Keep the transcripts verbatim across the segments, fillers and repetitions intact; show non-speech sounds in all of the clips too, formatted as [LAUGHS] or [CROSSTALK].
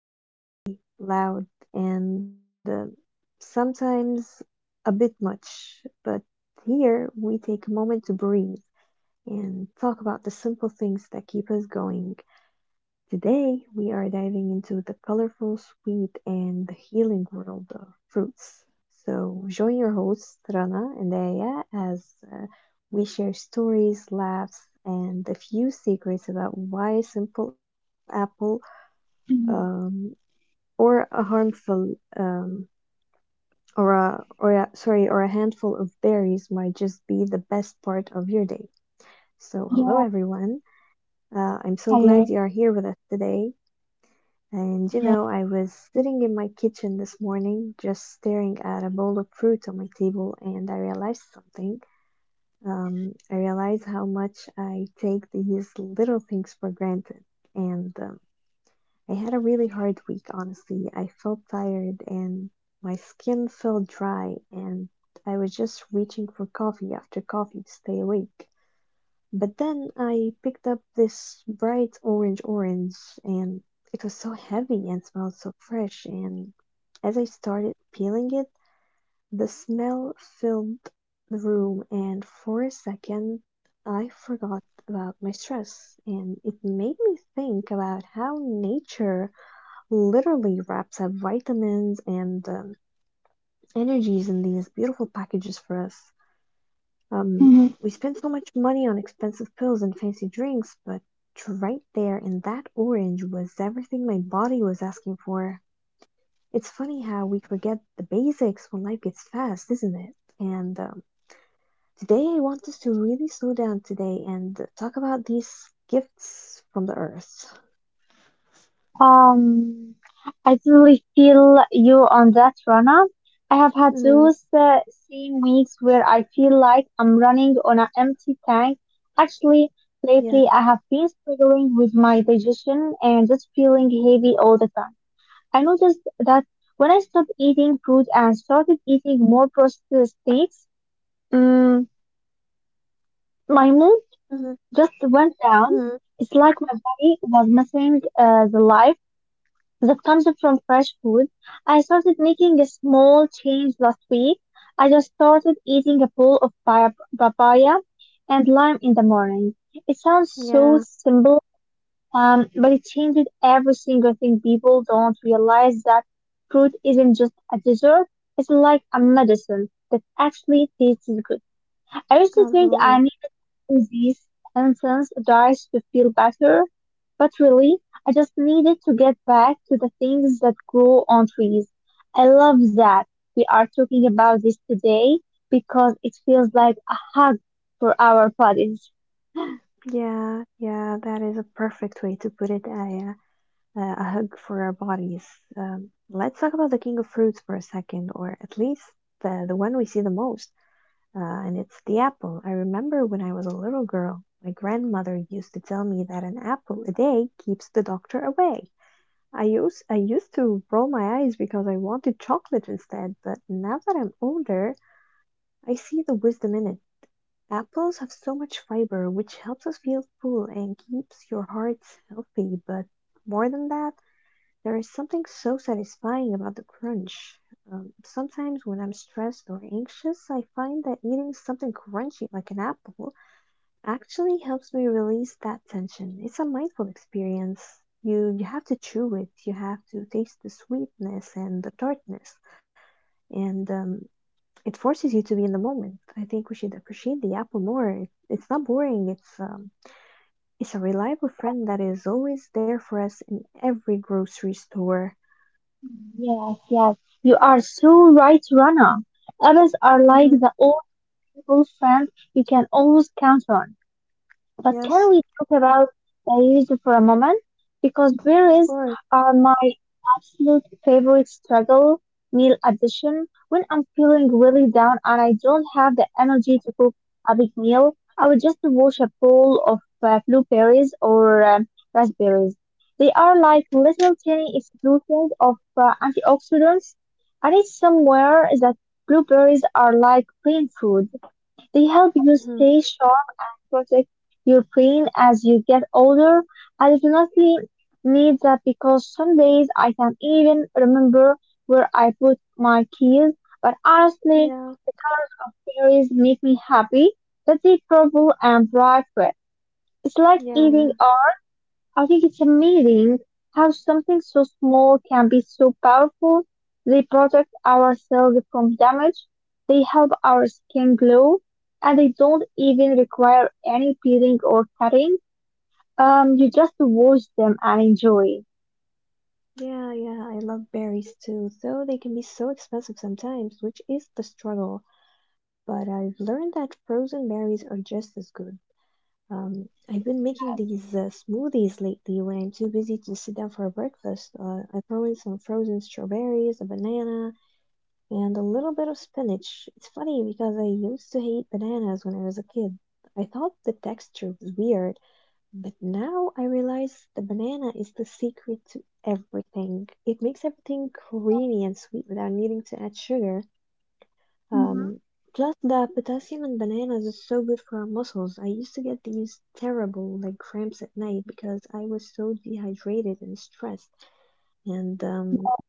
Life is busy, loud, and uh, sometimes a bit much, but here we take a moment to breathe and talk about the simple things that keep us going. Today, we are diving into the colorful, sweet, and the healing world of fruits. So, join your hosts, Rana and Aya, as uh, we share stories, laughs, and a few secrets about why a simple apple, Mm, um, or a harmful, um, or a, or a, sorry, or a handful of berries might just be the best part of your day. So, hello yeah, everyone. Uh, I'm so hello. glad you are here with us today. And you know, Yeah. I [LAUGHS] was sitting in my kitchen this morning, just staring at a bowl of fruit on my table, and I realized something. Um, I realized how much I take these little things for granted. And um, I had a really hard week, honestly. I felt tired and my skin felt dry, and I was just reaching for coffee after coffee to stay awake. But then I picked up this bright orange orange, and it was so heavy and smelled so fresh, and as I started peeling it, the smell filled the room, and for a second I forgot about my stress, and it made me think about how nature literally wraps up vitamins and um, energies in these beautiful packages for us. Um, Mhm. we spend so much money on expensive pills and fancy drinks, but right there in that orange was everything my body was asking for. It's funny how we forget the basics when life gets fast, isn't it? And um, today I want us to really slow down today and talk about these gifts from the earth. Um, I totally feel you on that, Rana. I have had Mm-hmm. those uh, same weeks where I feel like I'm running on an empty tank. Actually, Yeah. lately I have been struggling with my digestion and just feeling heavy all the time. I noticed that when I stopped eating fruit and started eating more processed things, mm my mood Mm-hmm. just went down. Mm-hmm. It's like my body was missing uh, the life that comes from fresh food. I started making a small change last week. I just started eating a bowl of pa- papaya and lime in the morning. It sounds so Yeah. simple, um, but it changes every single thing. People don't realize that fruit isn't just a dessert. It's like a medicine that actually tastes good. I used to think I Absolutely. needed to do these intense diets to feel better, but really, I just needed to get back to the things that grow on trees. I love that we are talking about this today because it feels like a hug for our bodies. Yeah, yeah. That is a perfect way to put it, Aya. Uh, a hug for our bodies. Um, let's talk about the king of fruits for a second, or at least the, the one we see the most, uh, and it's the apple. I remember when I was a little girl, my grandmother used to tell me that an apple a day keeps the doctor away. I used I used to roll my eyes because I wanted chocolate instead, but now that I'm older, I see the wisdom in it. Apples have so much fiber, which helps us feel full and keeps your heart healthy. But more than that, there is something so satisfying about the crunch. Um, sometimes when I'm stressed or anxious, I find that eating something crunchy like an apple actually helps me release that tension. It's a mindful experience. You you have to chew it. You have to taste the sweetness and the tartness, and um, it forces you to be in the moment. I think we should appreciate the apple more. It, it's not boring. It's um, it's a reliable Yeah, friend that is always there for us in every grocery store. yes, yes. You are so right, Rana. Others are like Mhm. the old people friend you can always count on. But can Yes, we talk about Paris for a moment? Because of berries course. are my absolute favorite struggle meal addition. When I'm feeling really down and I don't have the energy to cook a big meal, I would just wash a bowl of uh, blueberries or um, raspberries. They are like little tiny explosions of uh, antioxidants. I read somewhere that blueberries are like brain food. They help you Hmm. stay sharp and protect your brain as you get older. I definitely need that because some days I can't even remember where I put my keys. But honestly, Yeah, the colors of berries make me happy. That deep purple and bright red. It's like yeah, eating yeah, art. I think it's amazing how something so small can be so powerful. They protect our cells from damage, they help our skin glow, and they don't even require any peeling or cutting. Um, you just wash them and enjoy. yeah, yeah. I love berries too, though they can be so expensive sometimes, which is the struggle. But I've learned that frozen berries are just as good. Um, I've been making Yes. these uh, smoothies lately when I'm too busy to sit down for a breakfast. Uh, I throw in some frozen strawberries, a banana, and a little bit of spinach. It's funny because I used to hate bananas when I was a kid. I thought the texture was weird. But now I realize the banana is the secret to everything. It makes everything creamy and sweet without needing to add sugar. Mm-hmm. Um, Plus, the potassium in bananas is so good for our muscles. I used to get these terrible like cramps at night because I was so dehydrated and stressed. And um, Yeah.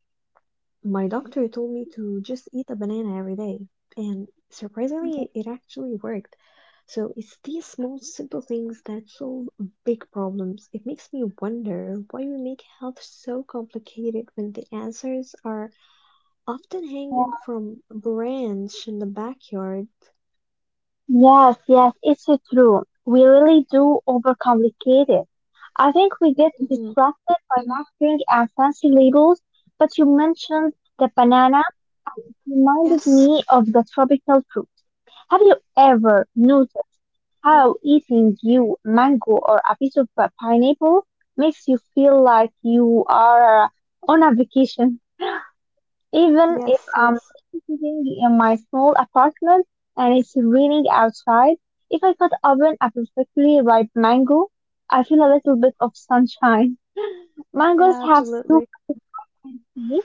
my doctor told me to just eat a banana every day, and Hmm, surprisingly, it actually worked. So it's these small, simple things that solve big problems. It makes me wonder why we make health so complicated when the answers are often hanging yeah. from a branch in the backyard. Yes, yes, it's uh, true. We really do overcomplicate it. I think we get Mhm. distracted by marketing and fancy labels, but you mentioned the Yes. banana reminded me of the tropical fruit. Have you ever Yeah. noticed how eating you mango or a piece of uh, pineapple makes you feel like you are on a vacation? Even Yes, if yes. I'm sitting in my small apartment and it's raining outside, if I cut open a perfectly ripe mango, I feel a little bit of sunshine. [LAUGHS] Mangoes Yeah, have so absolutely. much vitamin C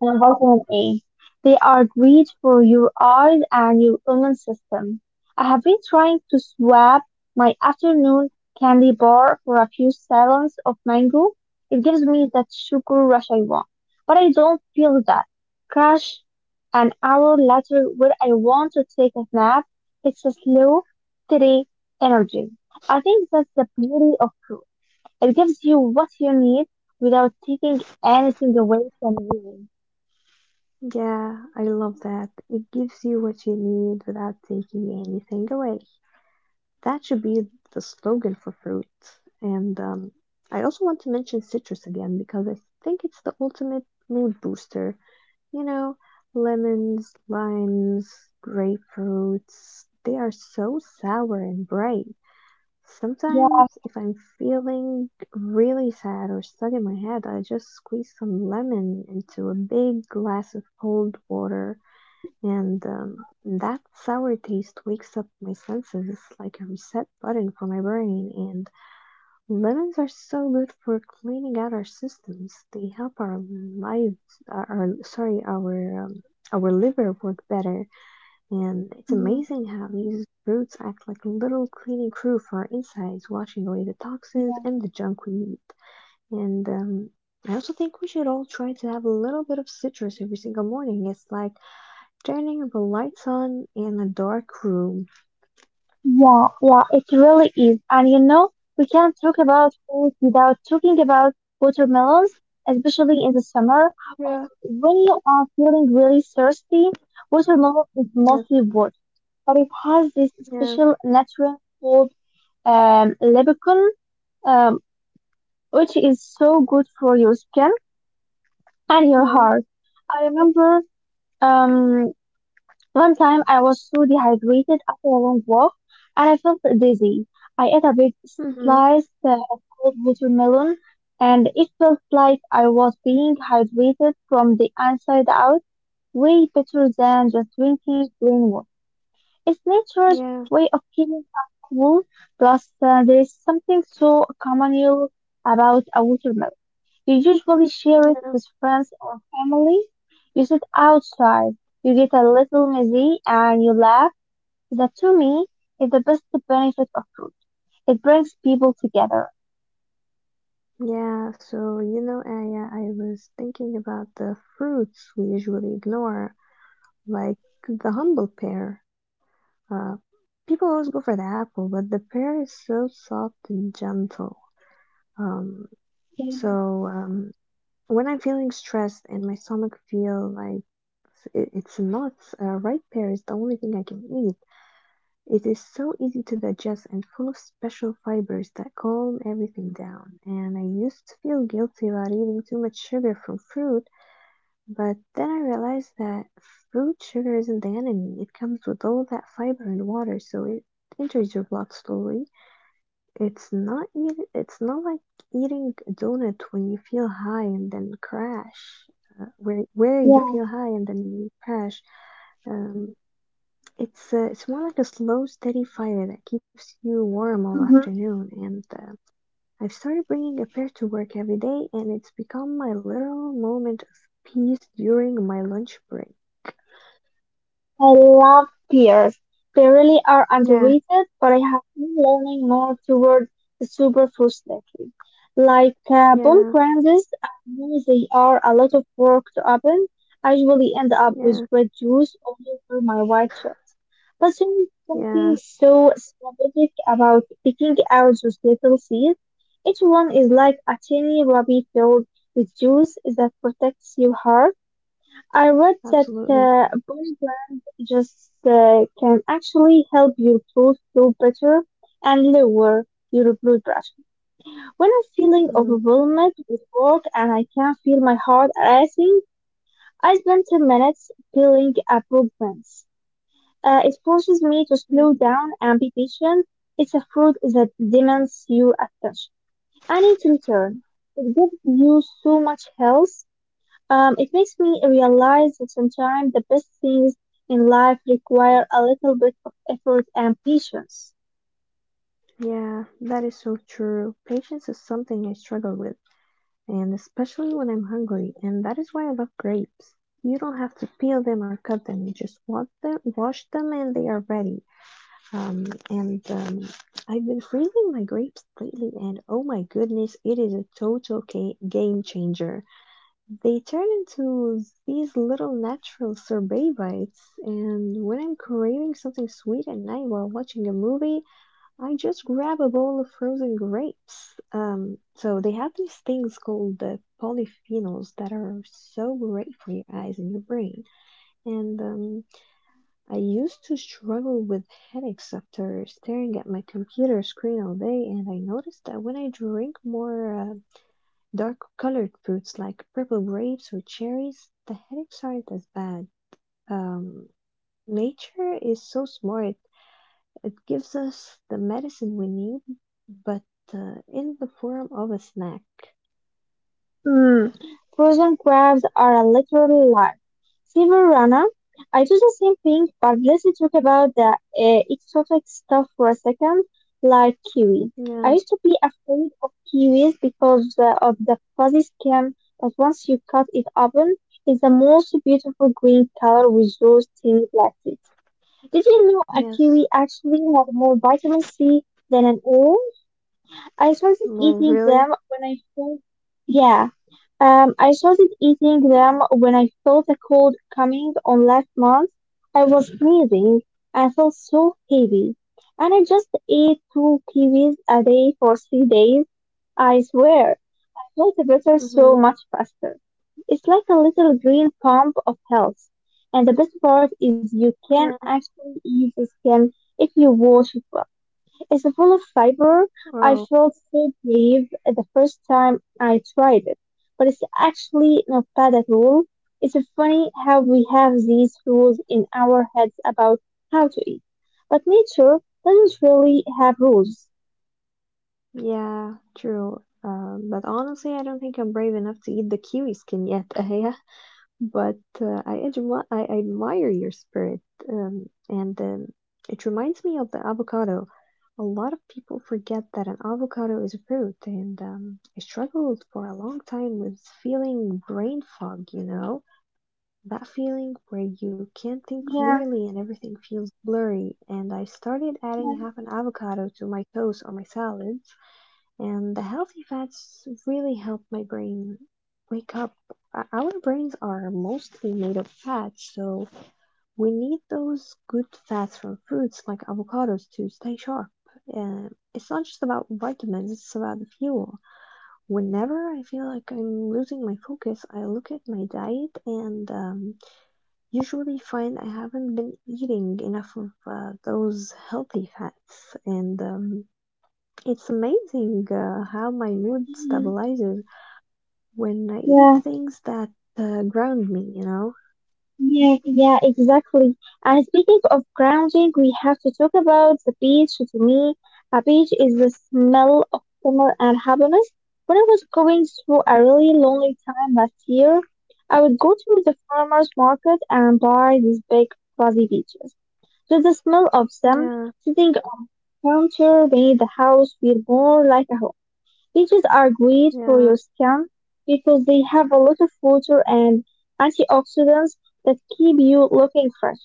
and vitamin A. They are great for your eyes and your immune system. I have been trying to swap my afternoon candy bar for a few servings of mango. It gives me that sugar rush I want, but I don't feel that crash an hour later when I want to take a nap. It's a slow, steady energy. I think that's the beauty of fruit. It gives you what you need without taking anything away from you. Yeah, I love that. It gives you what you need without taking anything away. That should be the slogan for fruit. And um, I also want to mention citrus again because I think it's the ultimate mood booster. You know, lemons, limes, grapefruits, they are so sour and bright. Yes. Sometimes, if I'm feeling really sad or stuck in my head, I just squeeze some lemon into a big glass of cold water Mhm. and um, Mhm. that sour taste wakes up my senses. It's like a reset button for my brain. And lemons are so good for cleaning out our systems. They help our lives, uh, our sorry, our um, Our liver work better. And it's Mhm. amazing how these fruits act like a little cleaning crew for our insides, washing away the toxins Yeah. and the junk we eat. And um, I also think we should all try to have a little bit of citrus every single morning. It's like turning the lights on in a dark room. Yeah. Yeah. It really is. And you know, we can't talk about food without talking about watermelons, especially in the summer Yeah, when you are feeling really thirsty. Watermelon is yeah, mostly wood, but it has this yeah. special natural called um, lepicon, um, which is so good for your skin and your Hmm. heart. I remember um One time I was so dehydrated after a long walk and I felt dizzy. I ate a big Mm-hmm. slice uh, of cold watermelon and it felt like I was being hydrated from the inside out, way better than just drinking plain water. It's nature's Yeah, way of keeping us cool, plus uh, there's something so communal about a watermelon. You usually share it yeah, with friends or family. You sit outside, you get a little messy, and you laugh. That to me is the best benefit of food. It brings people together. yeah. So you know, Aya, I was thinking about the fruits we usually ignore, like the humble pear. Uh, People always go for the apple, but the pear is so soft and gentle. Um, so um, when I'm feeling stressed and my stomach feel like it, it's nuts, uh, ripe pear is the only thing I can eat. It is so easy to digest and full of special fibers that calm everything down, and I used to feel guilty about eating too much sugar from fruit, but then I realized that fruit sugar isn't the enemy. It comes with all that fiber and water, so it enters your blood slowly. It's not eat, it's not like eating a donut when you feel high and then crash, uh, Where where you Yeah. feel high and then you crash. Um, it's uh, it's more like a slow, steady fire that keeps you warm all Mhm. afternoon. And uh, I've started bringing a pair to work every day, and it's become my little moment of peace during my lunch break. I love peers. They really are Yeah, underrated, but I have been leaning more toward the superfoods lately. Like uh, yeah, pomegranates, I know they are a lot of work to open. I usually end up with yeah, red juice all over my white shirt. But there is yeah, something so strategic about picking out those little seeds. Each one is like a tiny ruby filled with juice that protects your heart. I read that absolutely. uh, body blend just uh, can actually help your toes do better and lower your blood pressure. When I'm feeling Mm. overwhelmed with work and I can't feel my heart racing, I spend ten minutes peeling a book once. Uh, it forces me to slow Mm. down and be patient. It's a fruit that demands your attention. I need to return. It gives you so much health. Um, it makes me realize that sometimes the best things in life require a little bit of effort and patience. Yeah, that is so true. Patience is something I struggle with, and especially when I'm hungry, and that is why I love grapes. You don't have to peel them or cut them. You just wash them, wash them, and they are ready. Um, and um, I've been freezing my grapes lately, and oh my goodness, it is a total ca- game changer. They turn into these little natural sorbet bites, and when I'm craving something sweet at night while watching a movie, I just grab a bowl of frozen grapes. Um, so they have these things called the polyphenols that are so great for your eyes and your brain. And um, I used to struggle with headaches after staring at my computer screen all day, and I noticed that when I drink more uh, dark colored fruits like purple grapes or cherries, the headaches aren't as bad. Um, Nature is so smart, it gives us the medicine we need, but uh, in the form of a snack. Hmm. Frozen crabs are a literal life. Silver runner, I do the same thing, but let's talk about the uh, exotic stuff for a second, like kiwi. I Yeah, used to be afraid of kiwis because uh, of the fuzzy skin, but once you cut it open, it's the most beautiful green color with those tiny plastics. Did you know a kiwi yes. actually has more vitamin C than an orange? I started Well, eating really? them when I felt Yeah. Um, I started eating them when I felt a cold coming on last month. I was sneezing and felt so heavy, and I just ate two kiwis a day for three days. I swear Mm-hmm. health better so much faster. It's like a little green pump of health. And the best part is Yeah. you can actually eat the skin if you wash it well. It's full of fiber. Oh. I felt so brave the first time I tried it, but it's actually not bad at all. It's funny how we have these rules in our heads about how to eat, but nature doesn't really have rules. Yeah, true. Um, but honestly, I don't think I'm brave enough to eat the kiwi skin yet, [LAUGHS] Aya. But uh, I, admi- I admire your spirit. Um, and um, It reminds me of the avocado. A lot of people forget that an avocado is a fruit, and um, I struggled for a long time with feeling brain fog, you know? That feeling where you can't think Yeah, clearly and everything feels blurry. And I started adding half an avocado to my toast or my salad and the healthy fats really help my brain wake up. Our brains are mostly made of fats, so we need those good fats from fruits like avocados to stay sharp. Uh, it's not just about vitamins, it's about the fuel. Whenever I feel like I'm losing my focus, I look at my diet and um, usually find I haven't been eating enough of uh, those healthy fats. And um, it's amazing uh, how my mood yeah, stabilizes when I eat yeah. things that uh, ground me, you know? Yeah, yeah, exactly. And speaking of grounding, we have to talk about the beach. To me, a beach is the smell of summer and happiness. When I was going through a really lonely time last year, I would go to the farmer's market and buy these big fuzzy beaches. So the smell of them Yeah, sitting on the counter made the house feel more like a home. Peaches are great for your yeah, skin because they have a lot of water and antioxidants that keep you looking fresh.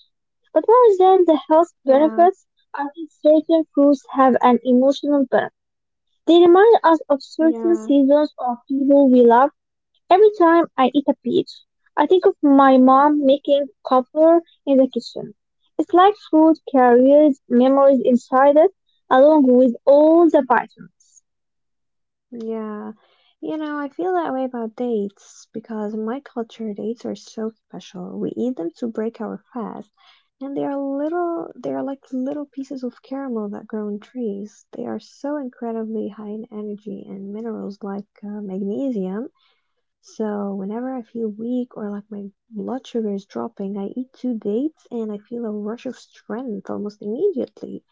But more than the health yeah, benefits, I think certain fruits have an emotional benefit. They remind us of certain yeah, seasons or people we love. Every time I eat a peach, I think of my mom making cobbler in the kitchen. It's like food carries memories inside it, along with all the vitamins. yeah. You know, I feel that way about dates because in my culture, dates are so special. We eat them to break our fast, and they are little, they are like little pieces of caramel that grow on trees. They are so incredibly high in energy and minerals like uh, magnesium. So whenever I feel weak or like my blood sugar is dropping, I eat two dates and I feel a rush of strength almost immediately.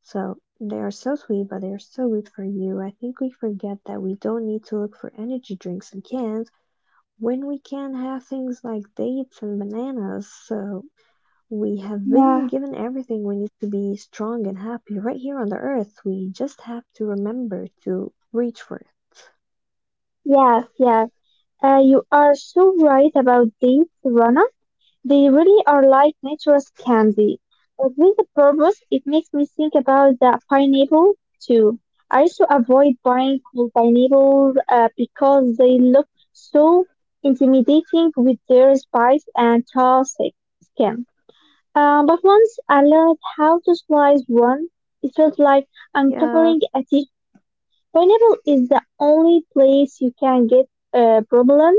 So they are so sweet, but they are so good for you. I think we forget that we don't need to look for energy drinks in cans when we can have things like dates and bananas. So we have been Yeah. given everything we need to be strong and happy right here on the earth. We just have to remember to reach for it. Yes, yes. Uh, you are so right about these, Rana. They really are like nature's candy. But with a purpose, it makes me think about the pineapple too. I used to avoid buying cold pineapples uh, because they look so intimidating with their spikes and tall thick skin. Um, but once I learned how to slice one, it felt like Yeah. uncovering a teeth. Pineapple is the only place you can get uh, problem,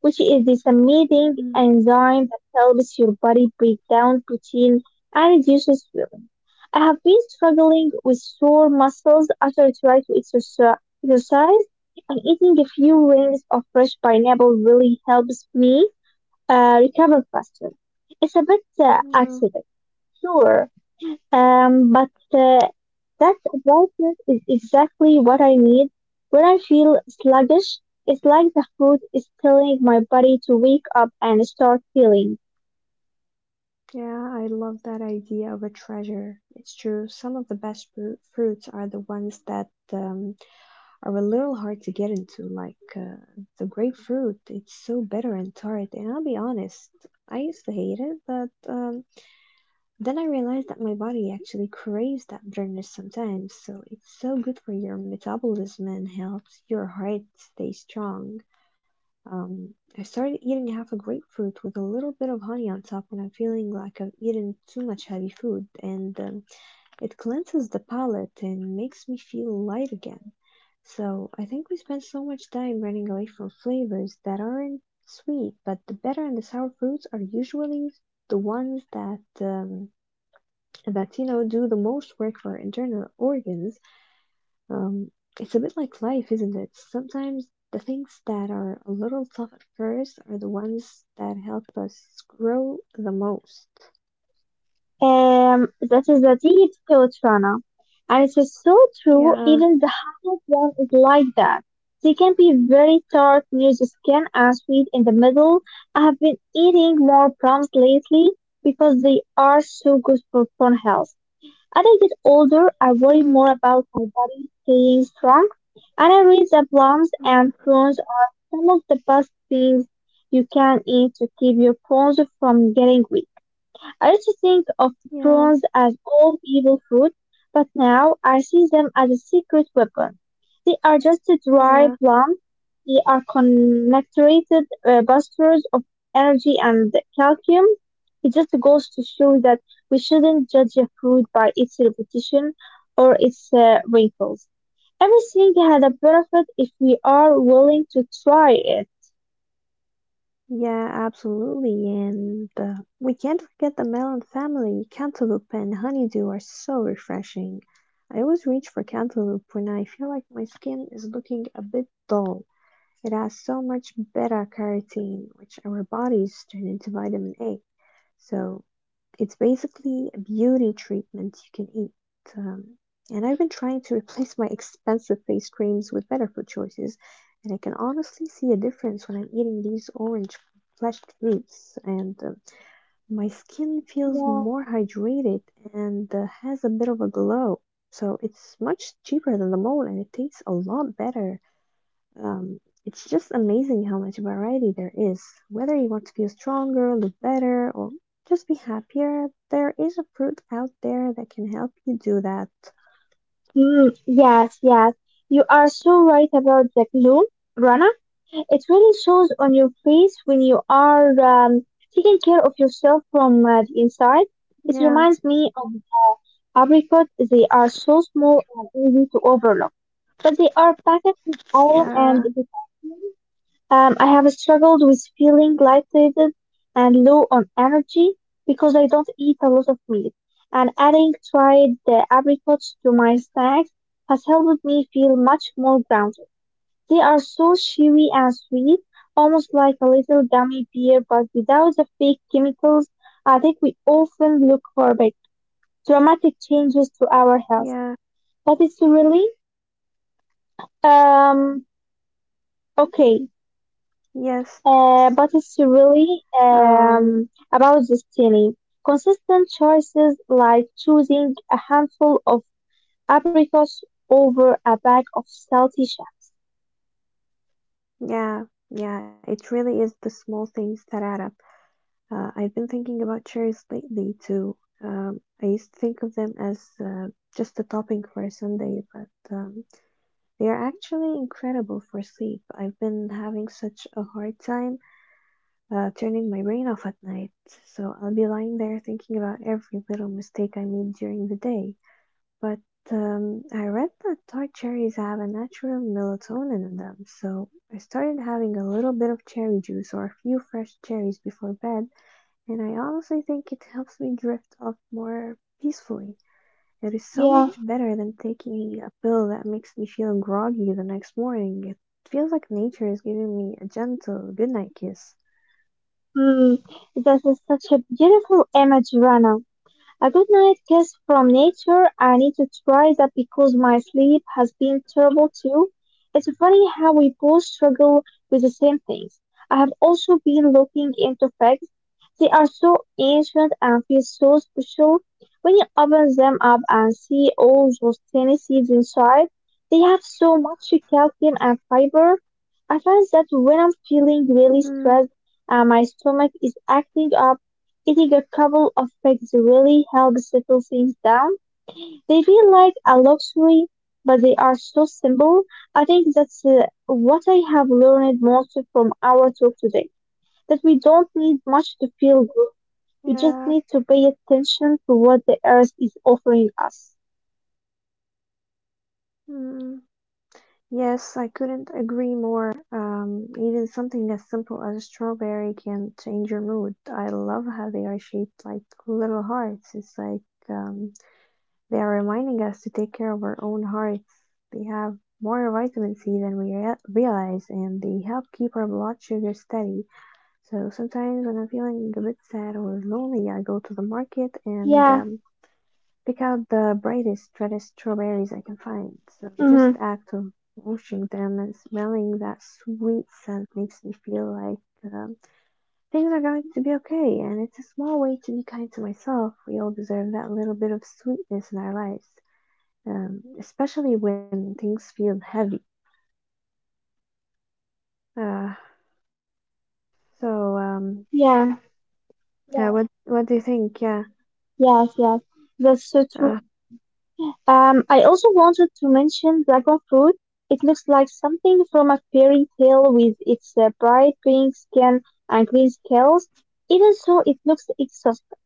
which is this amazing mm, enzyme that helps your body break down protein and reduces swelling. I have been struggling with sore muscles after trying to exerci- exercise, and eating a few rings of fresh pineapple really helps me uh, recover faster. It's a bit uh, yeah. accident, sure, um, but uh, that brightness is exactly what I need. When I feel sluggish, it's like the food is telling my body to wake up and start feeling. Yeah, I love that idea of a treasure. It's true. Some of the best fru- fruits are the ones that um, are a little hard to get into, like uh, the grapefruit. It's so bitter and tart. And I'll be honest, I used to hate it, but um, then I realized that my body actually craves that bitterness sometimes. So it's so good for your metabolism and helps your heart stay strong. Um, I started eating half a grapefruit with a little bit of honey on top when I'm feeling like I've eaten too much heavy food, and um, it cleanses the palate and makes me feel light again. So I think we spend so much time running away from flavors that aren't sweet, but the bitter and the sour fruits are usually the ones that um, that you know do the most work for our internal organs. um, it's a bit like life, isn't it? Sometimes the things that are a little tough at first are the ones that help us grow the most. Um, that is a deep thought, Rana. And it is so true, Yeah, even the hardest one is like that. They can be very tart near the skin and sweet in the middle. I have been eating more plums lately because they are so good for bone health. As I get older, I worry mm, more about my body staying strong, and I read that plums yeah, and prunes are some of the best things you can eat to keep your bones from getting weak. I used to think of yeah, prawns as all evil food, but now I see them as a secret weapon. They are just a dry yeah, plum. They are concentrated uh, busters of energy and calcium. It just goes to show that we shouldn't judge a fruit by its repetition or its uh, wrinkles. Everything had a benefit if we are willing to try it. yeah, absolutely. And uh, we can't forget the melon family. Cantaloupe and honeydew are so refreshing. I always reach for cantaloupe when I feel like my skin is looking a bit dull. It has so much beta carotene, which our bodies turn into vitamin A. So it's basically beauty treatments you can eat. Um, and I've been trying to replace my expensive face creams with better food choices, and I can honestly see a difference when I'm eating these orange fleshed fruits. And uh, my skin feels Yeah, more hydrated and uh, has a bit of a glow. So it's much cheaper than the mole, and it tastes a lot better. Um, it's just amazing how much variety there is. Whether you want to feel stronger, look better, or just be happier, there is a fruit out there that can help you do that. mm, yes, yes. You are so right about the gloom, Rana. It really shows on your face when you are um, taking care of yourself from uh, the inside. It Yeah, reminds me of apricots. They are so small and easy to overlook, but they are packed with iron and yeah, vitamins. um, I have struggled with feeling lightheaded and low on energy because I don't eat a lot of meat, and adding dried uh, apricots to my snacks has helped me feel much more grounded. They are so chewy and sweet, almost like a little gummy bear, but without the fake chemicals. I think we often look for big, dramatic changes to our yeah, health, but it's really um okay. yes. Uh, but it's really Um, um, about destiny. Consistent choices like choosing a handful of apricots over a bag of salty shad. yeah, yeah, it really is the small things that add up. Uh, I've been thinking about cherries lately too. Um, I used to think of them as uh, just a topping for a sundae, but um, they are actually incredible for sleep. I've been having such a hard time uh, turning my brain off at night, so I'll be lying there thinking about every little mistake I made during the day. But um, I read that tart cherries have a natural melatonin in them, so I started having a little bit of cherry juice or a few fresh cherries before bed, and I honestly think it helps me drift off more peacefully. It is so much Yeah. better than taking a pill that makes me feel groggy the next morning. It feels like nature is giving me a gentle goodnight kiss. Hmm, that is such a beautiful image, Rana. A good night kiss from nature. I need to try that because my sleep has been terrible too. It's funny how we both struggle with the same things. I have also been looking into fags. They are so ancient and feel so special. When you open them up and see all those tiny seeds inside, they have so much calcium and fiber. I find that when I'm feeling really Mm-hmm. stressed and my stomach is acting up, eating a couple of eggs really helps settle things down. They feel like a luxury, but they are so simple. I think that's uh, what I have learned most from our talk today, that we don't need much to feel good. Yeah. We just need to pay attention to what the earth is offering us. Mm. Yes, I couldn't agree more. Um, even something as simple as a strawberry can change your mood. I love how they are shaped like little hearts. It's like um, they are reminding us to take care of our own hearts. They have more vitamin C than we rea- realize, and they help keep our blood sugar steady. So sometimes when I'm feeling a bit sad or lonely, I go to the market and Yeah. um, pick out the brightest, reddest strawberries I can find. So just Mm-hmm. the act of washing them and smelling that sweet scent makes me feel like um, things are going to be okay. And it's a small way to be kind to myself. We all deserve that little bit of sweetness in our lives, um, especially when things feel heavy. Uh, so um, Yeah. uh, what Yeah. what do you think? Yeah. Yes, yes. That's so Uh, true. Um, I also wanted to mention dragon fruit. It looks like something from a fairy tale with its uh, bright pink skin and green scales. Even so, it looks exhausting.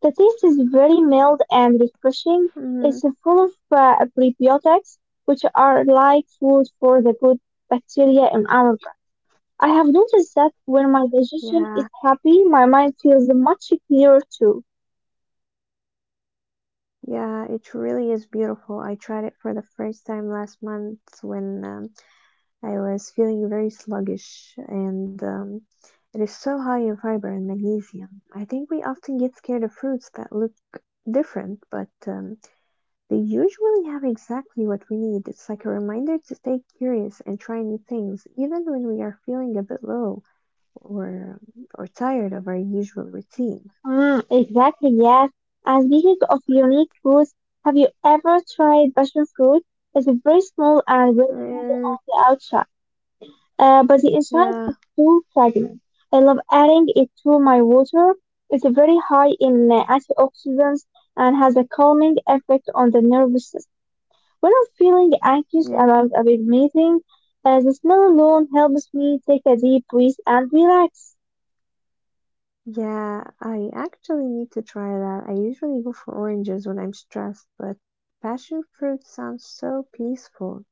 The taste is very mild and mm, refreshing. It's full of uh, prebiotics, which are like food for the good bacteria in our. I have noticed that when my yeah. digestion is happy, my mind feels much clearer too. Yeah, it really is beautiful. I tried it for the first time last month when um, I was feeling very sluggish, and um, it is so high in fiber and magnesium. I think we often get scared of fruits that look different, but um, they usually have exactly what we need. It's like a reminder to stay curious and try new things, even when we are feeling a bit low or or tired of our usual routine. Mm, exactly, yes. And speaking of unique fruits, have you ever tried passion fruit? It's very small and very tender Uh, on the outside, uh, but the inside yeah, is too fragrant. I love adding it to my water. It's very high in uh, antioxidants and has a calming effect on the nervous system. When I'm feeling anxious yeah. about a big meeting, uh, the smell alone helps me take a deep breath and relax. yeah, I actually need to try that. I usually go for oranges when I'm stressed, but passion fruit sounds so peaceful.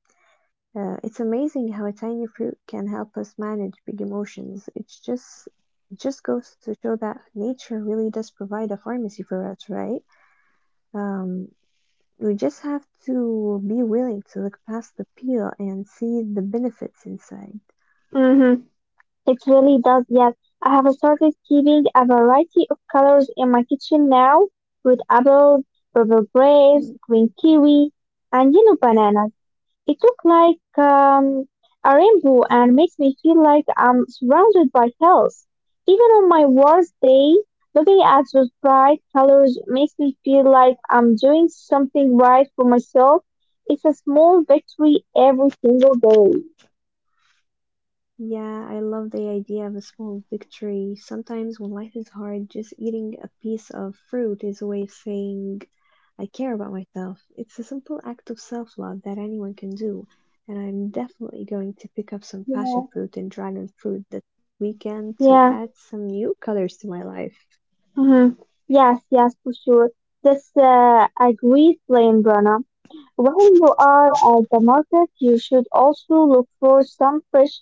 Uh, it's amazing how a tiny fruit can help us manage big emotions. It's just it just goes to show that nature really does provide a pharmacy for us, right? Um, we just have to be willing to look past the peel and see the benefits inside. Mm-hmm. It really does, yes. I have started keeping a variety of colors in my kitchen now, with apples, purple Mm, grapes, green kiwi, and yellow bananas. It looks like um, a Yeah, rainbow and makes me feel like I'm surrounded by health. Even on my worst day, looking at those bright colors makes me feel like I'm doing something right for myself. It's a small victory every single day. yeah, I love the idea of a small victory. Sometimes when life is hard, just eating a piece of fruit is a way of saying, I care about myself. It's a simple act of self-love that anyone can do. And I'm definitely going to pick up some passion Yeah. fruit and dragon fruit this weekend to add Yeah. some new colors to my life. Hmm. Yes, yes, for sure. That's uh, a great plan, Brana. While you are at the market, you should also look for some fresh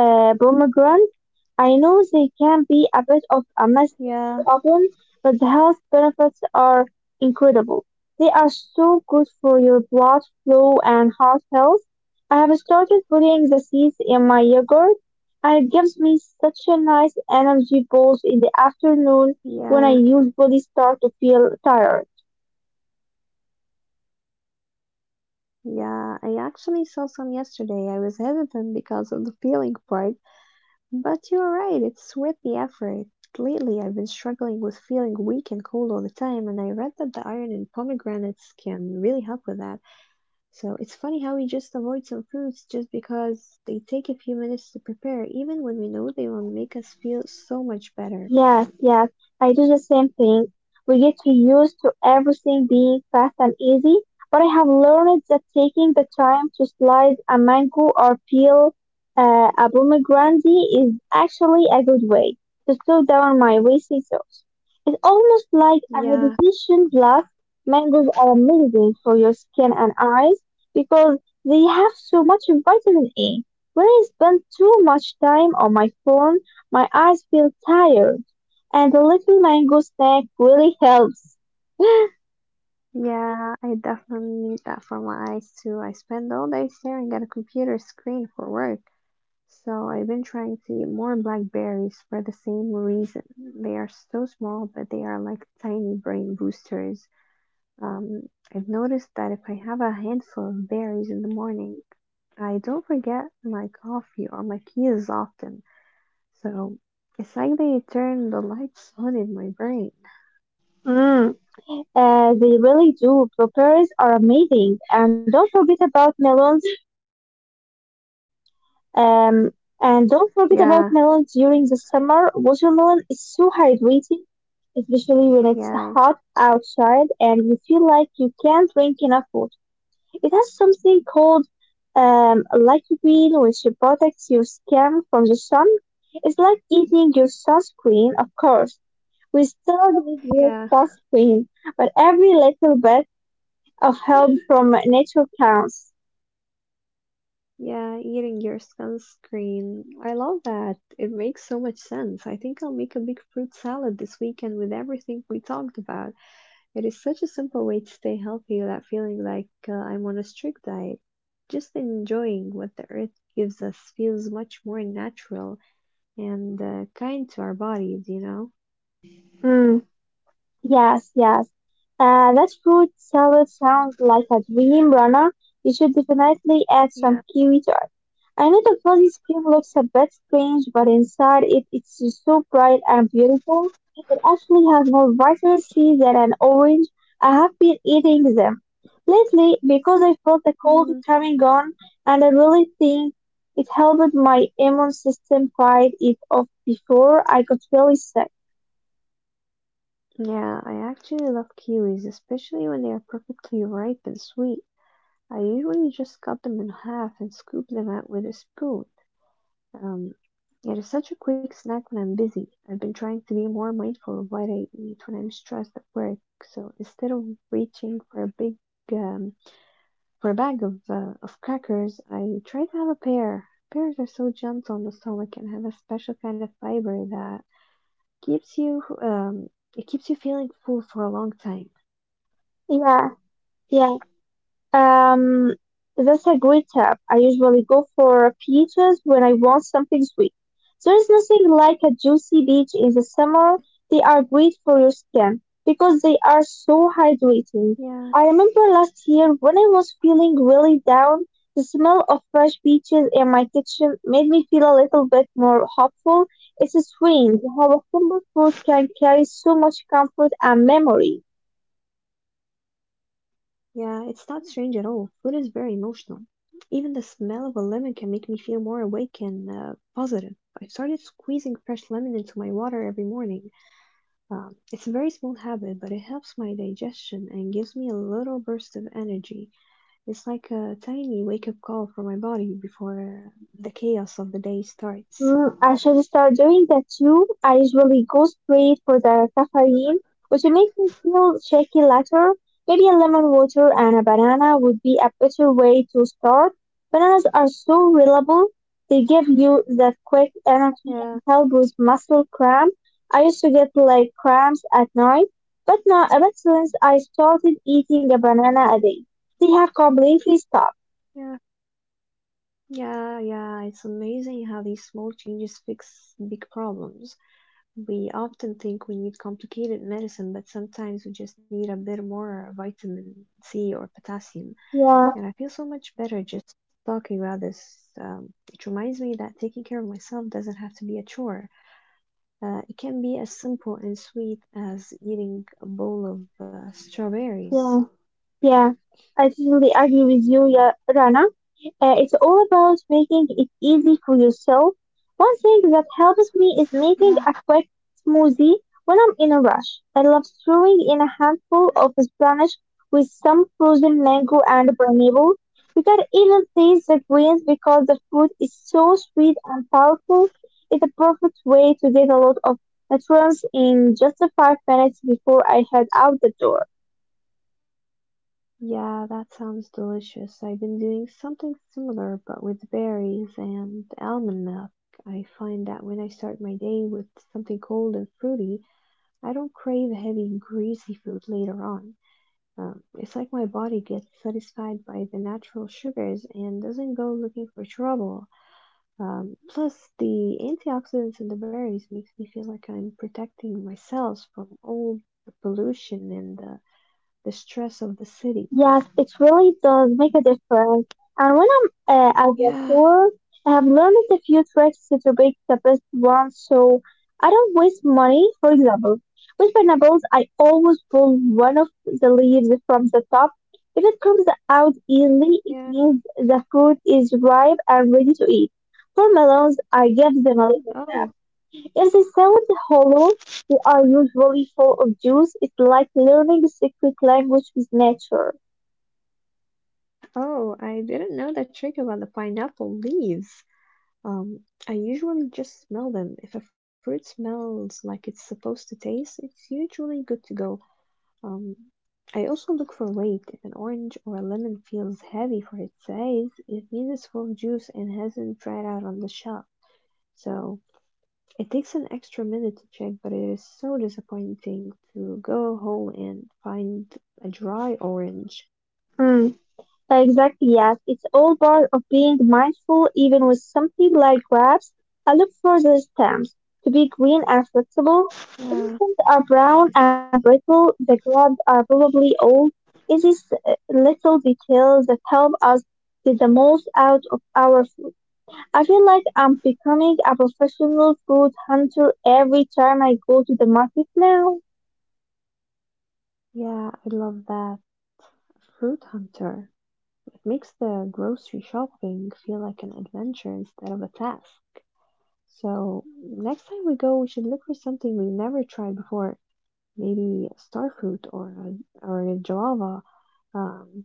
uh, pomegranates. I know they can be a bit of a mess to Yeah, open, but the health benefits are incredible. They are so good for your blood flow and heart health. I have started putting the seeds in my yogurt, and it gives me such a nice yeah, energy boost in the afternoon when I usually start to feel tired. yeah. I actually saw some yesterday. I was hesitant because of the peeling part. But you're right, it's worth the effort. Lately I've been struggling with feeling weak and cold all the time, and I read that the iron in pomegranates can really help with that. So it's funny how we just avoid some fruits just because they take a few minutes to prepare, even when we know they will make us feel so much better. Yes, yes, I do the same thing. We get too used to everything being fast and easy, but I have learned that taking the time to slice a mango or peel uh, a pomegranate is actually a good way to slow down my racing thoughts. It's almost like a Yeah, meditation plus mangoes are amazing for your skin and eyes because they have so much vitamin A. When I spend too much time on my phone, my eyes feel tired and the little mango snack really helps. [LAUGHS] yeah, I definitely need that for my eyes too. I spend all day staring at a computer screen for work. So I've been trying to eat more blackberries for the same reason. They are so small, but they are like tiny brain boosters. Um, I've noticed that if I have a handful of berries in the morning, I don't forget my coffee or my keys often. So it's like they turn the lights on in my brain. Mm, uh, they really do. Blueberries are amazing, and don't forget about melons. Yeah, Um, and don't forget about melons during the summer. Watermelon is so hydrating, yeah, especially when it's hot outside and you feel like you can't drink enough water. It has something called um, lycopene, which protects your skin from the sun. It's like eating your sunscreen, of course. We started yeah. with fast cream, but every little bit of help from nature counts. yeah, eating your sunscreen. I love that. It makes so much sense. I think I'll make a big fruit salad this weekend with everything we talked about. It is such a simple way to stay healthy without feeling like uh, I'm on a strict diet. Just enjoying what the earth gives us feels much more natural and uh, kind to our bodies, you know? Mm. Yes, yes. Uh, that fruit salad sounds like a dream runner. You should definitely add some Yeah. kiwi to it. I know the fuzzy cream looks a bit strange, but inside it, it's just so bright and beautiful. It actually has more vitamin C than an orange. I have been eating them lately because I felt the cold Mm, coming on, and I really think it helped my immune system fight it off before I got really sick. yeah, I actually love kiwis, especially when they are perfectly ripe and sweet. I usually just cut them in half and scoop them out with a spoon. Um, it is such a quick snack when I'm busy. I've been trying to be more mindful of what I eat when I'm stressed at work. So instead of reaching for a big um, for a bag of uh, of crackers, I try to have a pear. Pears are so gentle on the stomach and have a special kind of fiber that keeps you um, it keeps you feeling full for a long time. Yeah, yeah. Um, that's a great tip. I usually go for peaches when I want something sweet. There is nothing like a juicy peach in the summer. They are great for your skin because they are so Yeah, hydrating. I remember last year when I was feeling really down, the smell of fresh peaches in my kitchen made me feel a little bit more hopeful. It's strange how a simple food can carry so much comfort and memory. yeah, it's not strange at all. Food is very emotional. Even the smell of a lemon can make me feel more awake and uh, positive. I've started squeezing fresh lemon into my water every morning. Um, it's a very small habit, but it helps my digestion and gives me a little burst of energy. It's like a tiny wake up call for my body before the chaos of the day starts. Mm, I should start doing that too. I usually go straight for the caffeine, which makes me feel shaky later. Maybe a lemon water and a banana would be a better way to start. Bananas are so reliable. They give you that quick energy Yeah, and help with muscle cramp. I used to get like cramps at night, but now ever since I started eating a banana a day, they have completely stopped. yeah, yeah, yeah. It's amazing how these small changes fix big problems. We often think we need complicated medicine, but sometimes we just need a bit more vitamin C or potassium. Yeah, And I feel so much better just talking about this. Um, it reminds me that taking care of myself doesn't have to be a chore. Uh, it can be as simple and sweet as eating a bowl of uh, strawberries. yeah. Yeah, I totally agree with you, Ya- Rana. Uh, it's all about making it easy for yourself. One thing that helps me is making Yeah, a quick smoothie when I'm in a rush. I love throwing in a handful of spinach with some frozen mango and pineapple. You can even taste the greens because the fruit is so sweet and powerful. It's a perfect way to get a lot of nutrients in just five minutes before I head out the door. yeah, that sounds delicious. I've been doing something similar, but with berries and almond milk. I find that when I start my day with something cold and fruity, I don't crave heavy, greasy food later on. Um, it's like my body gets satisfied by the natural sugars and doesn't go looking for trouble. Um, plus, the antioxidants in the berries makes me feel like I'm protecting myself from all the pollution and the, the stress of the city. Yes, it really does make a difference. And when I'm uh, at the Yeah, store, I have learned a few tricks to pick the best ones so I don't waste money. For example, with pineapples, I always pull one of the leaves from the top. If it comes out easily, it yeah. means the fruit is ripe and ready to eat. For melons, I give them a little tap. Oh, If they sound hollow, they are usually full of juice. It's like learning a secret language with nature. oh, I didn't know that trick about the pineapple leaves. Um, I usually just smell them. If a fruit smells like it's supposed to taste, it's usually good to go. Um, I also look for weight. If an orange or a lemon feels heavy for its size, it means it's full of juice and hasn't dried out on the shelf. So it takes an extra minute to check, but it is so disappointing to go home and find a dry orange. Mm, exactly, yes. It's all part of being mindful, even with something like grabs. I look for the stems to be green and flexible. Yeah, Elephants are brown and brittle. The grabs are probably old. It's these uh, little details that help us get the most out of our food. I feel like I'm becoming a professional food hunter every time I go to the market now. yeah, I love that. Fruit hunter. Makes the grocery shopping feel like an adventure instead of a task. So next time we go, we should look for something we never tried before. Maybe a star fruit or a, or a java. Um,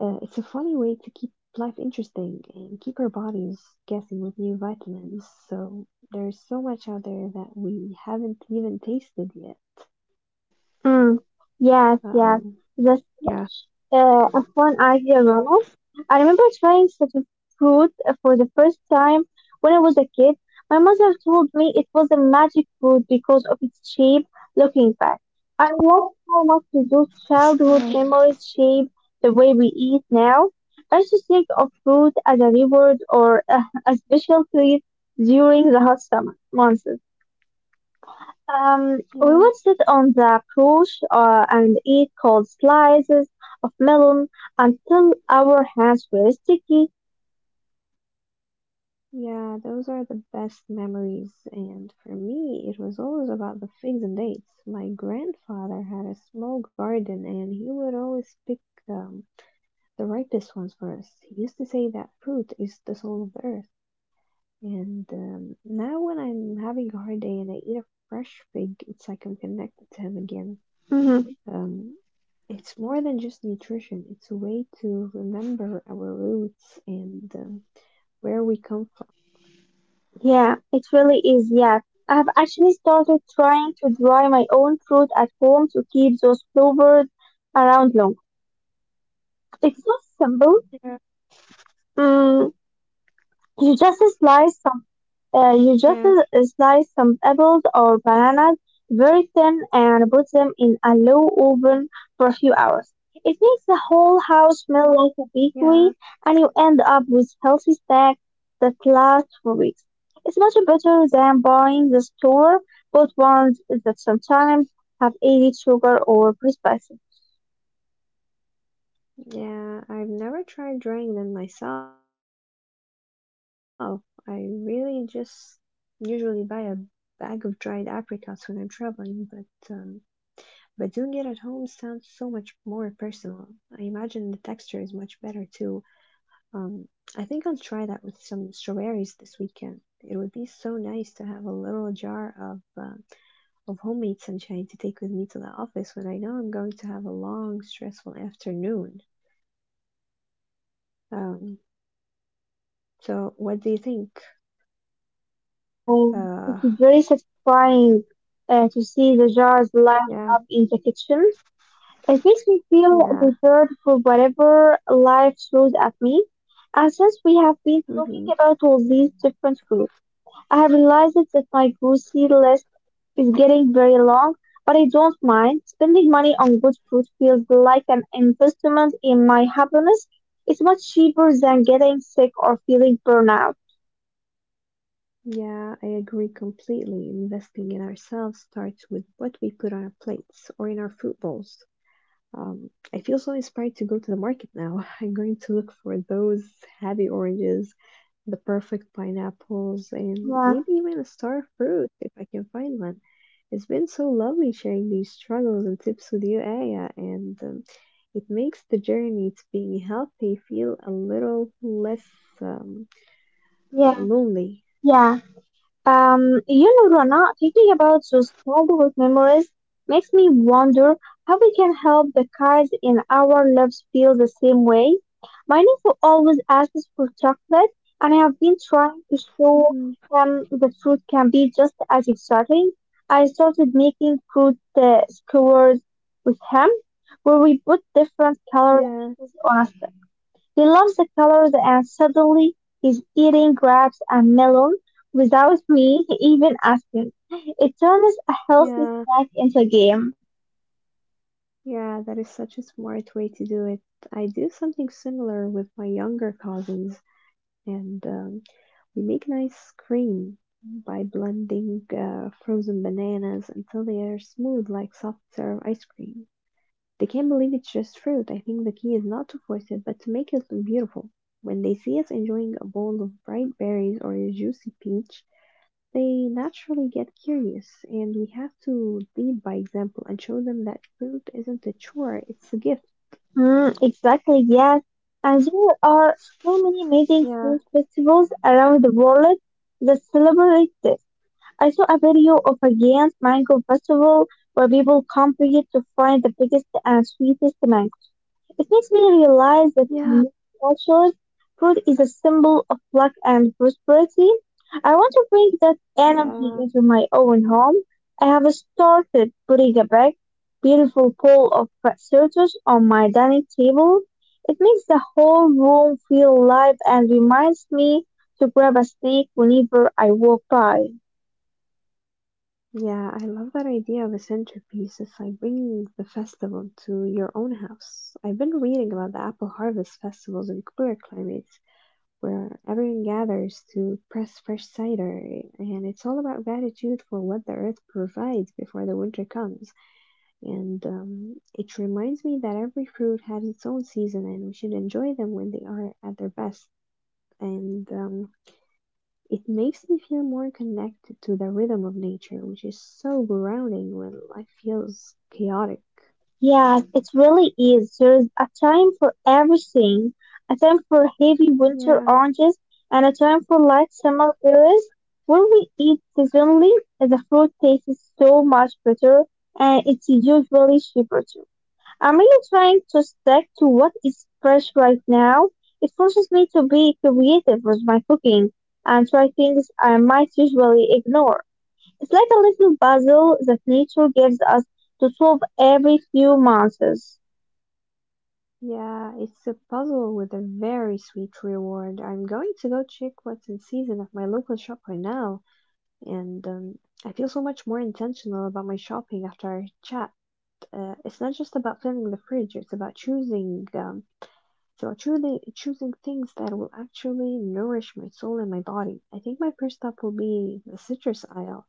uh, it's a funny way to keep life interesting and keep our bodies guessing with new vitamins. So there's so much out there that we haven't even tasted yet. Mm, yes, yes. Um, The yeah. stretch uh, of one idea, Argyle. I remember trying such a fruit for the first time when I was a kid. My mother told me it was a magic fruit because of its shape. Looking back, I love how Uh, much to do childhood memories shape the way we eat now. I used to think of fruit as a reward or uh, a special treat during the hot summer months. yeah. Um, we would sit on the porch uh, and eat cold slices of melon until our hands were sticky. Yeah, those are the best memories. And for me, it was always about the figs and dates. My grandfather had a small garden and he would always pick um, the ripest ones for us. He used to say that fruit is the soul of the earth. And um, now when I'm having a hard day and I eat a fresh fig, it's like I'm connected to him again. Hmm. Um, it's more than just nutrition, it's a way to remember our roots and um, where we come from. Yeah, it really is. Yeah, I have actually started trying to dry my own fruit at home to keep those flowers around long. Yeah, It's not simple. Mm, you just slice some yeah. Uh, you just uh, slice some apples or bananas very thin and put them in a low oven for a few hours. It makes the whole house smell like a Yeah, bakery, and you end up with healthy snacks that last for weeks. It's much better than buying the store bought ones that sometimes have added sugar or preservatives. yeah, I've never tried drying them myself. I really just usually buy a bag of dried apricots when I'm traveling, but um, but doing it at home sounds so much more personal. I imagine the texture is much better too. Um, I think I'll try that with some strawberries this weekend. It would be so nice to have a little jar of uh, of homemade sunshine to take with me to the office when I know I'm going to have a long, stressful afternoon. Mm, you definitely should. Um, Uh, So what do you think? yes. Um, Uh, it's very satisfying uh, to see the jars lined yeah, up in the kitchen. It makes me feel yeah, prepared for whatever life throws at me. And since we have been talking hmm, about all these different foods, I have realized that my grocery list is getting very long, but I don't mind. Spending money on good food feels like an investment in my happiness. It's much cheaper than getting sick or feeling burnout. yeah, I agree completely. Investing in ourselves starts with what we put on our plates or in our food bowls. Um, I feel so inspired to go to the market now. [LAUGHS] I'm going to look for those heavy oranges, the perfect pineapples, and Yeah, maybe even a star fruit if I can find one. It's been so lovely sharing these struggles and tips with you, Aya, and um, it makes the journey to being healthy feel a little less um, yeah, lonely. yeah. Um, you know, Rana, thinking about those childhood memories makes me wonder how we can help the kids in our lives feel the same way. My nephew always asks for chocolate, and I have been trying to show Hmm. him the fruit can be just as exciting. I started making fruit uh, skewers with him, where we put different colored Yeah, pieces on a he loves the colors and suddenly is eating grapes and melon without me even asking. It turns a healthy yeah, snack into a game. yeah, that is such a smart way to do it. I do something similar with my younger cousins. and um, we make an ice cream by blending uh, frozen bananas until they are smooth like soft serve ice cream. They can't believe it's just fruit. I think the key is not to force it, but to make it look beautiful. When they see us enjoying a bowl of bright berries or a juicy peach, they naturally get curious, and we have to lead by example and show them that fruit isn't a chore, it's a gift. Mm, exactly, yes. And there are so many amazing Yeah, food festivals around the world that celebrate this. I saw a video of a giant mango festival where people compete to find the biggest and sweetest mango. It makes me realize that in yeah, many cultures, food is a symbol of luck and prosperity. I want to bring that energy yeah. into my own home. I have started putting a big, beautiful bowl of potatoes on my dining table. It makes the whole room feel alive and reminds me to grab a snack whenever I walk by. Yeah, I love that idea of a centerpiece. It's like bringing the festival to your own house. I've been reading about the apple harvest festivals in cooler climates where everyone gathers to press fresh cider, and it's all about gratitude for what the earth provides before the winter comes. And um, it reminds me that every fruit has its own season and we should enjoy them when they are at their best. And um, it makes me feel more connected to the rhythm of nature, which is so grounding when life feels chaotic. Yes, it really is. There is a time for everything. A time for heavy winter Yeah, oranges and a time for light summer berries. When we eat seasonally, the fruit tastes so much better and it's usually cheaper too. I'm really trying to stick to what is fresh right now. It forces me to be creative with my cooking and try things I might usually ignore. It's like a little puzzle that nature gives us to solve every few months. yeah, it's a puzzle with a very sweet reward. I'm going to go check what's in season at my local shop right now, and um, I feel so much more intentional about my shopping after our chat. Uh, it's not just about filling the fridge; it's about choosing, um, it's about choosing choosing things that will actually nourish my soul and my body. I think my first stop will be the citrus aisle.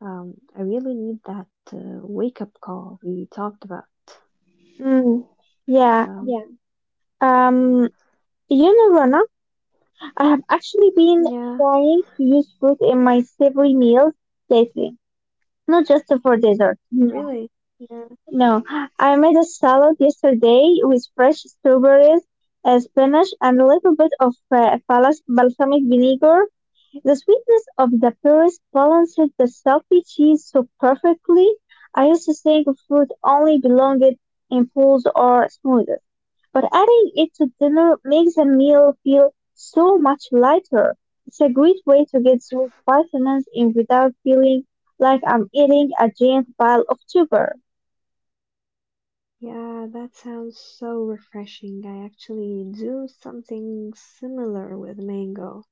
Um, I really need that uh, wake up call we talked about. Mm, yeah, Um, yeah. Um, you know, Rana, I have actually been yeah, trying to use fruit in my savory meals lately, not just for dessert. No, really. Yeah, no. I made a salad yesterday with fresh strawberries, uh, spinach, and a little bit of uh, balas- balsamic vinegar. The sweetness of the pears balanced the salty cheese so perfectly. I used to think fruit only belonged in pools or smoothies, but adding it to dinner makes the meal feel so much lighter. It's a great way to get those vitamins in without feeling like I'm eating a giant pile of sugar. yeah, that sounds so refreshing. I actually do something similar with mango.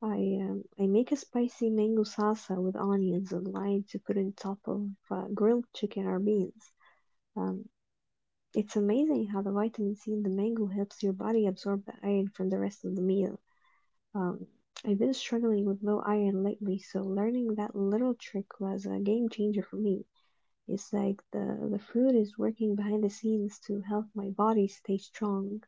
I um, I make a spicy mango salsa with onions and lime to put on top of uh, grilled chicken or beans. Um, it's amazing how the vitamin C in the mango helps your body absorb the iron from the rest of the meal. Um, I've been struggling with low iron lately, so learning that little trick was a game changer for me. It's like the, the fruit is working behind the scenes to help my body stay strong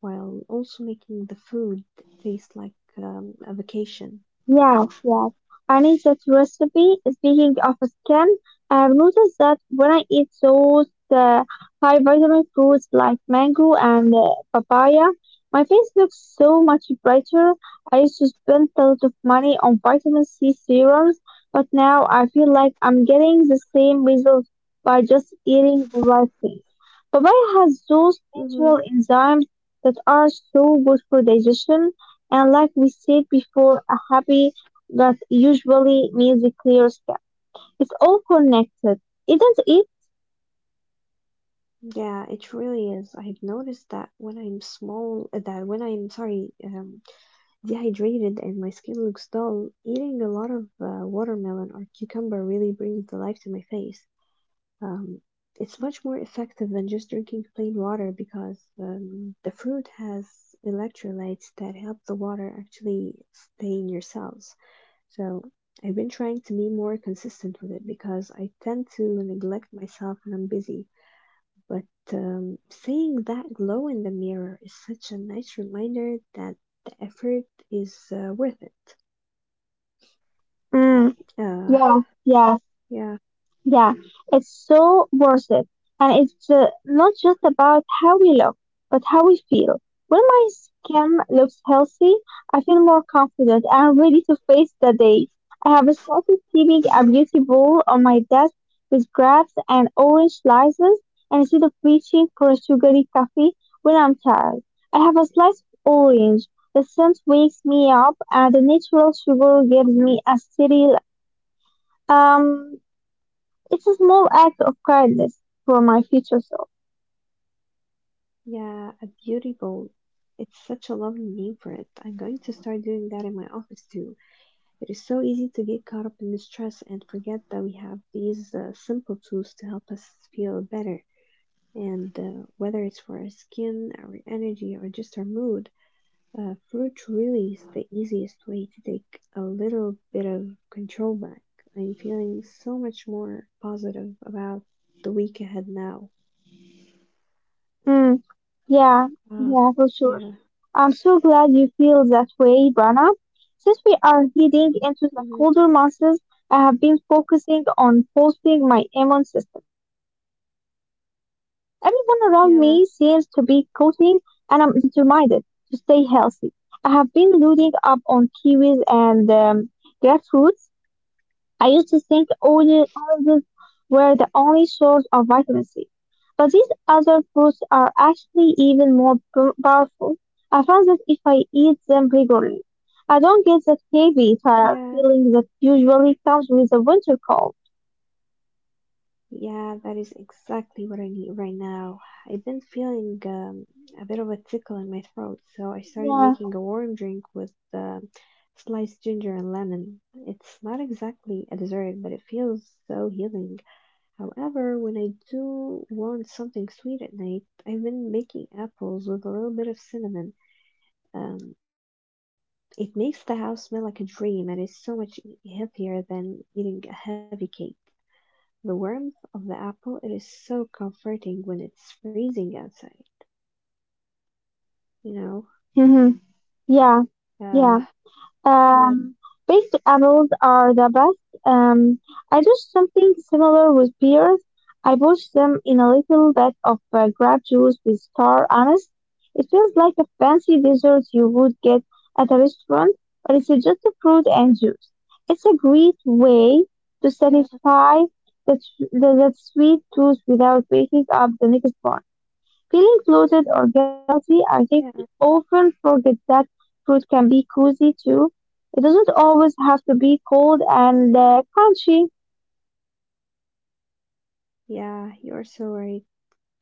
while also making the food taste like um, a vacation. Yes, yes. I need that recipe. Speaking of skin, I've noticed that when I eat those uh, high vitamin fruits like mango and uh, papaya, my face looks so much brighter. I used to spend a lot of money on vitamin C serums, but now I feel like I'm getting the same results by just eating the right things. Papaya has those Hmm. natural enzymes that are so good for digestion, and like we said before, a happy gut usually means a clear sky. It's all connected, isn't it? Yeah, it really is. I've noticed that when I'm small, uh, that when I'm sorry, um, dehydrated and my skin looks dull, eating a lot of uh, watermelon or cucumber really brings the life to my face. Um, it's much more effective than just drinking plain water because um, the fruit has electrolytes that help the water actually stay in your cells. So I've been trying to be more consistent with it because I tend to neglect myself when I'm busy. But um, seeing that glow in the mirror is such a nice reminder that the effort is uh, worth it. Mm, Uh, yeah, yeah. yeah. Yeah, it's so worth it. And it's uh, not just about how we look, but how we feel. When my skin looks healthy, I feel more confident and ready to face the day. I have started keeping a Mm-hmm. beauty bowl on my desk with grapes and orange slices, and instead of reaching for a sugary coffee when I'm tired, I have a slice of orange. The scent wakes me up and the natural sugar gives me a cereal. Um, it's a small act of kindness for my future self. Yeah, a beauty bowl. It's such a lovely name for it. I'm going to start doing that in my office too. It is so easy to get caught up in the stress and forget that we have these uh, simple tools to help us feel better. And uh, whether it's for our skin, our energy, or just our mood, uh, fruit really is the easiest way to take a little bit of control back. I'm feeling so much more positive about the week ahead now. Mm, yeah, Uh, yeah, for sure. yeah. I'm so glad you feel that way, Brana. Since we are heading into the Hmm. colder months, I have been focusing on boosting my immune system. Everyone around me seems to be Yeah. coating, and I'm determined to stay healthy. I have been loading up on kiwis and um, grapefruits. I used to think oli- olives were the only source of vitamin C, but these other fruits are actually even more p- powerful. I found that if I eat them regularly, I don't get that heavy tired Yeah. feeling that usually comes with a winter cold. Yeah, that is exactly what I need right now. I've been feeling um, a bit of a tickle in my throat, so I started Yeah. making a warm drink with uh, sliced ginger and lemon. It's not exactly a dessert, but it feels so healing. However, when I do want something sweet at night, I've been making apples with a little bit of cinnamon. Um, it makes the house smell like a dream and is so much healthier than eating a heavy cake the warmth of the apple. It is so comforting when it's freezing outside, you know? Hmm. Yeah. Uh, Yeah. yes, Um, Baked apples are the best. Um, I do something similar with pears. I wash them in a little bit of uh, grape juice with star anise. It feels like a fancy dessert you would get at a restaurant, but it's just a fruit and juice. It's a great way to yeah, satisfy the, tr- the, the sweet tooth without waking up the next morning feeling bloated or guilty. I think we yeah, often forget that food can be cozy too. It doesn't always have to be cold and uh, crunchy. yeah, you're so right.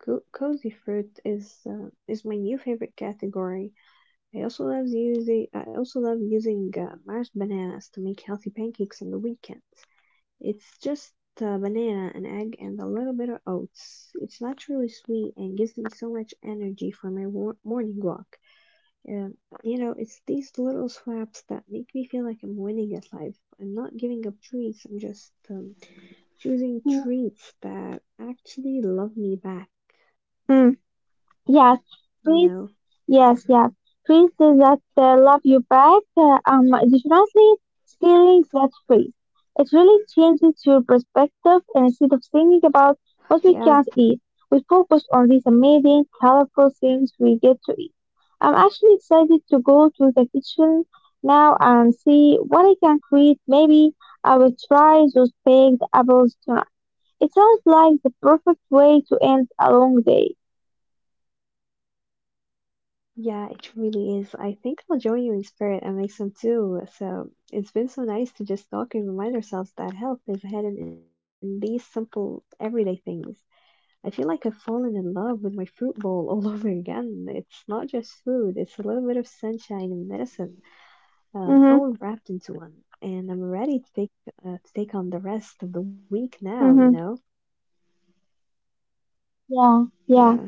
Co- cozy fruit is uh, is my new favorite category. I also love using I also love using uh, mashed bananas to make healthy pancakes on the weekends. It's just a banana, an egg, and a little bit of oats. It's naturally sweet and gives me so much energy for my wor- morning walk. And you know, it's these little swaps that make me feel like I'm winning at life. I'm not giving up treats. I'm just um, choosing treats that actually love me back. Mm. Yes, You please. know? Yes, yes. Please say that uh, love you back. Uh, um, definitely stealing that phrase. It really changes your perspective, and Yeah, instead of thinking about what we can't eat, we focus on these amazing, colorful things we get to eat. I'm actually excited to go to the kitchen now and see what I can create. Maybe I will try those baked apples tonight. It sounds like the perfect way to end a long day. yeah, it really is. I think I'll join you in spirit and make some too. So it's been so nice to just talk and remind ourselves that health is hidden in these simple everyday things. I feel like I've fallen in love with my fruit bowl [LAUGHS] all over again. It's not just food, it's a little bit of sunshine and medicine, um, all Mm-hmm. wrapped into one. And I'm ready to take uh, to take on the rest of the week now. You know, Mm-hmm. Yeah, yeah, yeah.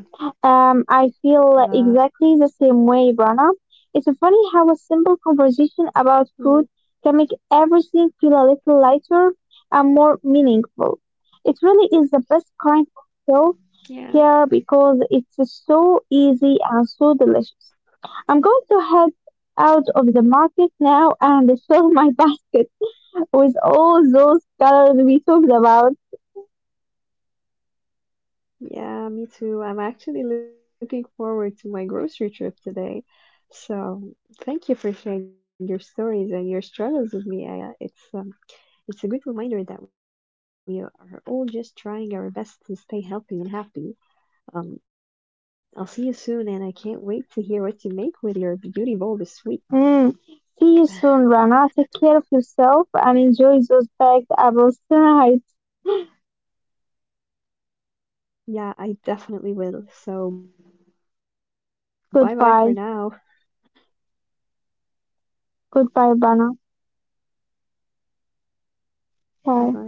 Um, I uh, feel exactly the same way, Rana. It's funny how a simple conversation about mm, food can make everything feel a little lighter and more meaningful. It really is the best kind of self yeah, care because it's so easy and so delicious. I'm going to head out of the market now and [LAUGHS] fill my basket with all those colors we talked about. yeah. Me too. I'm actually looking forward to my grocery trip today. So thank you for sharing your stories and your struggles with me, Aya. It's um, it's a good reminder that we are all just trying our best to stay healthy and happy. Um, I'll see you soon, and I can't wait to hear what you make with your beauty bowl this Hmm. week. See you soon, Rana. Take care of yourself and enjoy those baked apples tonight. Yeah, I definitely will. So bye bye for now. Goodbye. Goodbye, Rana. Bye Bye. bye.